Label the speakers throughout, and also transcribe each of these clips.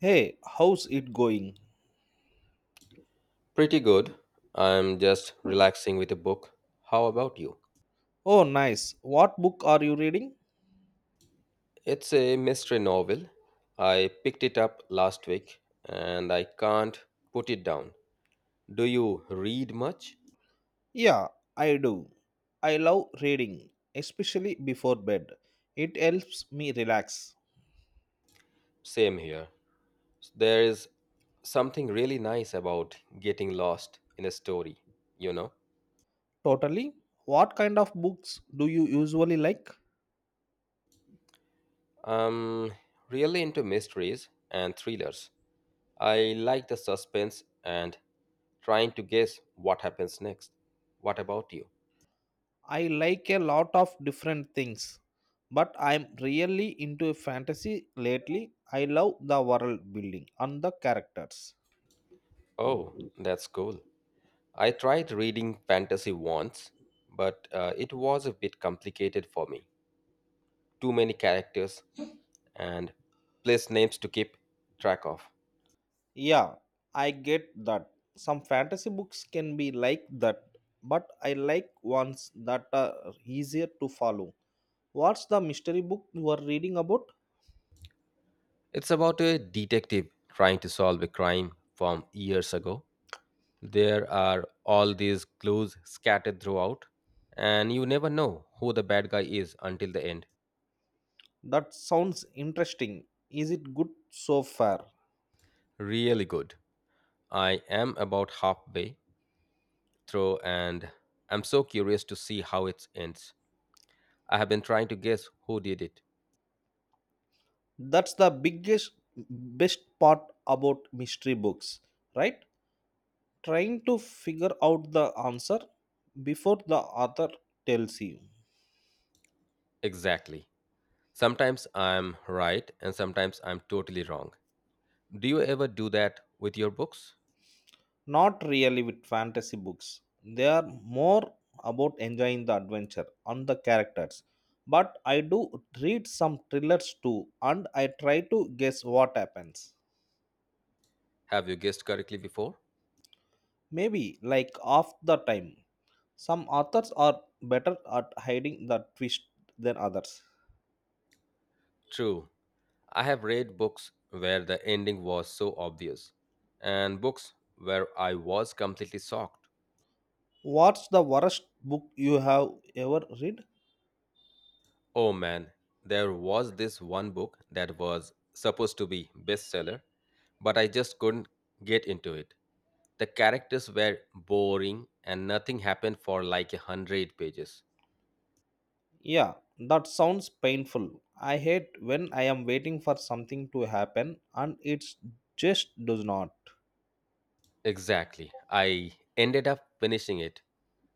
Speaker 1: Hey, how's it going?
Speaker 2: Pretty good. I'm just relaxing with a book. How about you?
Speaker 1: Oh, nice. What book are you reading?
Speaker 2: It's a mystery novel. I picked it up last week and I can't put it down. Do you read much?
Speaker 1: Yeah, I do. I love reading, especially before bed. It helps me relax.
Speaker 2: Same here. There is something really nice about getting lost in a story, you know?
Speaker 1: Totally. What kind of books do you usually like?
Speaker 2: I'm really into mysteries and thrillers. I like the suspense and trying to guess what happens next. What about you?
Speaker 1: I like a lot of different things, but I'm really into fantasy lately. I love the world building and the characters.
Speaker 2: Oh, that's cool. I tried reading fantasy once, but it was a bit complicated for me. Too many characters and place names to keep track of.
Speaker 1: Yeah, I get that. Some fantasy books can be like that, but I like ones that are easier to follow. What's the mystery book you are reading about?
Speaker 2: It's about a detective trying to solve a crime from years ago. There are all these clues scattered throughout, and you never know who the bad guy is until the end.
Speaker 1: That sounds interesting. Is it good so far?
Speaker 2: Really good. I am about halfway through, and I'm so curious to see how it ends. I have been trying to guess who did it.
Speaker 1: That's the biggest, best part about mystery books, right? Trying to figure out the answer before the author tells you.
Speaker 2: Exactly. Sometimes I'm right and sometimes I'm totally wrong. Do you ever do that with your books?
Speaker 1: Not really with fantasy books. They are more about enjoying the adventure and the characters. But I do read some thrillers too, and I try to guess what happens.
Speaker 2: Have you guessed correctly before?
Speaker 1: Maybe like half the time. Some authors are better at hiding the twist than others.
Speaker 2: True. I have read books where the ending was so obvious and books where I was completely shocked.
Speaker 1: What's the worst book you have ever read?
Speaker 2: Oh man, there was this one book that was supposed to be bestseller, but I just couldn't get into it. The characters were boring and nothing happened for like a hundred pages.
Speaker 1: Yeah, that sounds painful. I hate when I am waiting for something to happen and it just does not.
Speaker 2: Exactly. I ended up finishing it.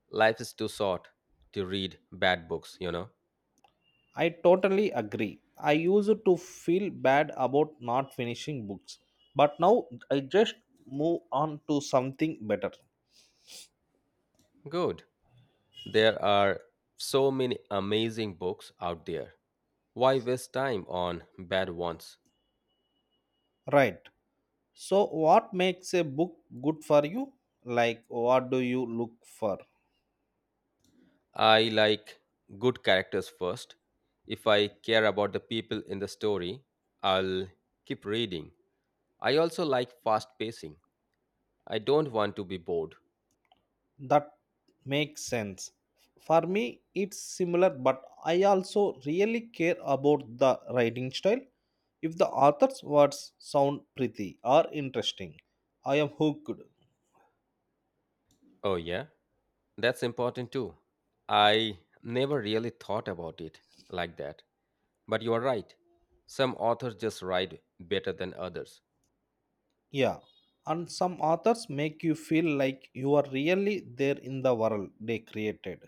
Speaker 2: Life is too short to read bad books, you know?
Speaker 1: I totally agree. I used to feel bad about not finishing books, but now I just move on to something better.
Speaker 2: Good. There are so many amazing books out there. Why waste time on bad ones?
Speaker 1: Right. So, what makes a book good for you? Like, what do you look for?
Speaker 2: I like good characters first. If I care about the people in the story, I'll keep reading. I also like fast pacing. I don't want to be bored.
Speaker 1: That makes sense. For me, it's similar, but I also really care about the writing style. If the author's words sound pretty or interesting, I am hooked.
Speaker 2: Oh, yeah, that's important too. I never really thought about it like that. But you are right. Some authors just write better than others.
Speaker 1: Yeah, and some authors make you feel like you are really there in the world they created.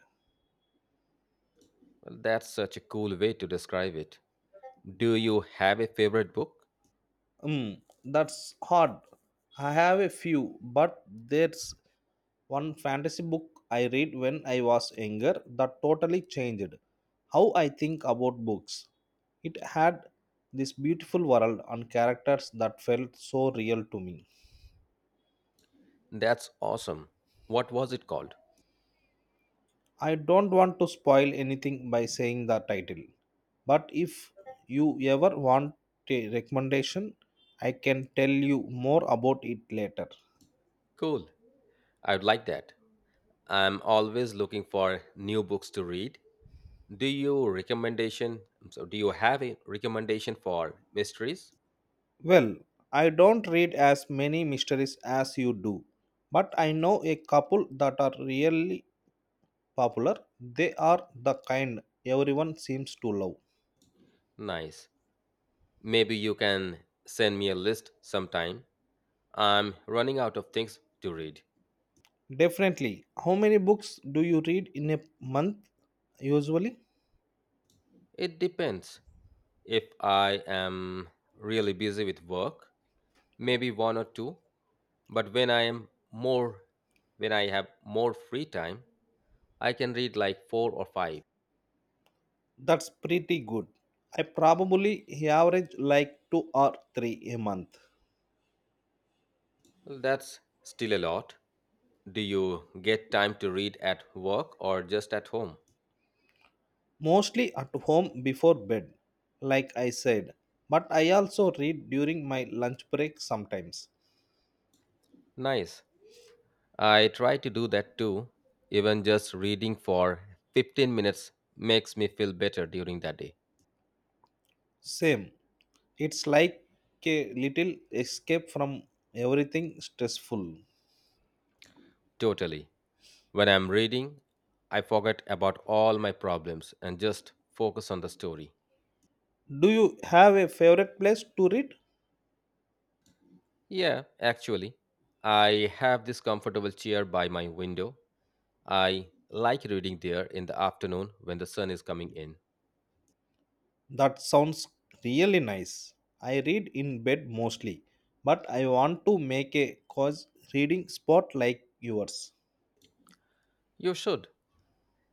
Speaker 2: Well, that's such a cool way to describe it. Do you have a favorite book?
Speaker 1: Hmm, that's hard. I have a few, but there's one fantasy book I read when I was younger that totally changed how I think about books. It had this beautiful world and characters that felt so real to me.
Speaker 2: That's awesome. What was it called?
Speaker 1: I don't want to spoil anything by saying the title, but if you ever want a recommendation, I can tell you more about it later.
Speaker 2: Cool. I would like that. I'm always looking for new books to read. Do you recommendation? So, do you have a recommendation for mysteries?
Speaker 1: Well, I don't read as many mysteries as you do, but I know a couple that are really popular. They are the kind everyone seems to love.
Speaker 2: Nice. Maybe you can send me a list sometime. I'm running out of things to read.
Speaker 1: Definitely. How many books do you read in a month usually?
Speaker 2: It depends. If I am really busy with work, maybe one or two. But when I am more, When I have more free time, I can read like four or five.
Speaker 1: That's pretty good. I probably average like two or three a month,
Speaker 2: That's still a lot. Do you get time to read at work or just at home?
Speaker 1: mostly at home before bed, like I said. But I also read during my lunch break sometimes.
Speaker 2: Nice. I try to do that too. Even just reading for 15 minutes makes me feel better during that day.
Speaker 1: Same. It's like a little escape from everything stressful.
Speaker 2: Totally. When I'm reading, I forget about all my problems and just focus on the story.
Speaker 1: Do you have a favorite place to read?
Speaker 2: Yeah, actually, I have this comfortable chair by my window. I like reading there in the afternoon when the sun is coming in.
Speaker 1: That sounds really nice. I read in bed mostly, but I want to make a cause reading spot like yours.
Speaker 2: You should.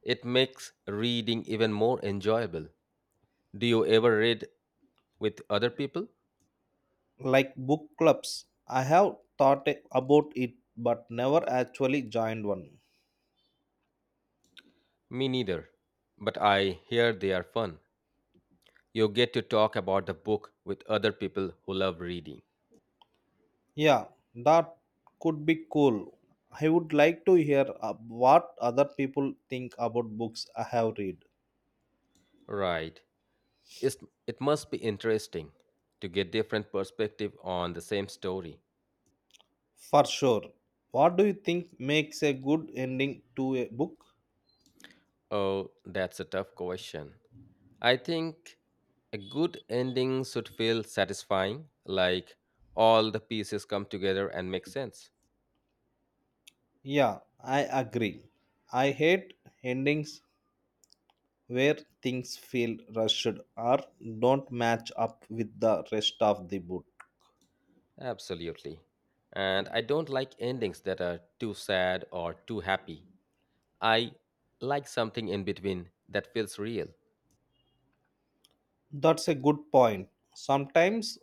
Speaker 2: It makes reading even more enjoyable. Do you ever read with other people?
Speaker 1: Like book clubs, I have thought about it, but never actually joined one.
Speaker 2: Me neither, but I hear they are fun. You get to talk about the book with other people who love reading.
Speaker 1: Yeah, that could be cool. I would like to hear what other people think about books I have read.
Speaker 2: Right. It's, it must be interesting to get different perspective on the same story.
Speaker 1: For sure. What do you think makes a good ending to a book?
Speaker 2: Oh, that's a tough question. I think a good ending should feel satisfying, like all the pieces come together and make sense.
Speaker 1: Yeah, I agree. I hate endings where things feel rushed or don't match up with the rest of the book.
Speaker 2: Absolutely. And I don't like endings that are too sad or too happy. I like something in between that feels real.
Speaker 1: That's a good point. Sometimes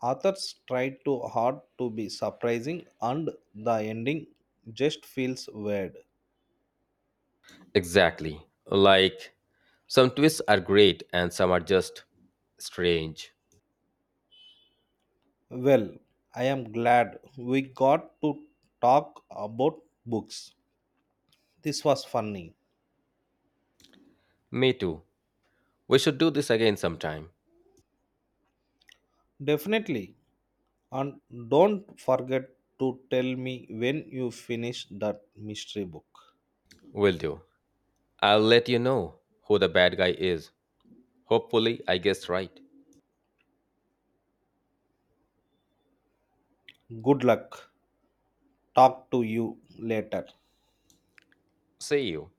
Speaker 1: authors try too hard to be surprising and the ending just feels weird.
Speaker 2: Exactly. Like some twists are great and some are just strange.
Speaker 1: Well, I am glad we got to talk about books. This was funny.
Speaker 2: Me too. We should do this again sometime.
Speaker 1: Definitely. And don't forget to tell me when you finish that mystery book.
Speaker 2: Will do. I'll let you know who the bad guy is. Hopefully, I guessed right.
Speaker 1: Good luck. Talk to you later.
Speaker 2: See you.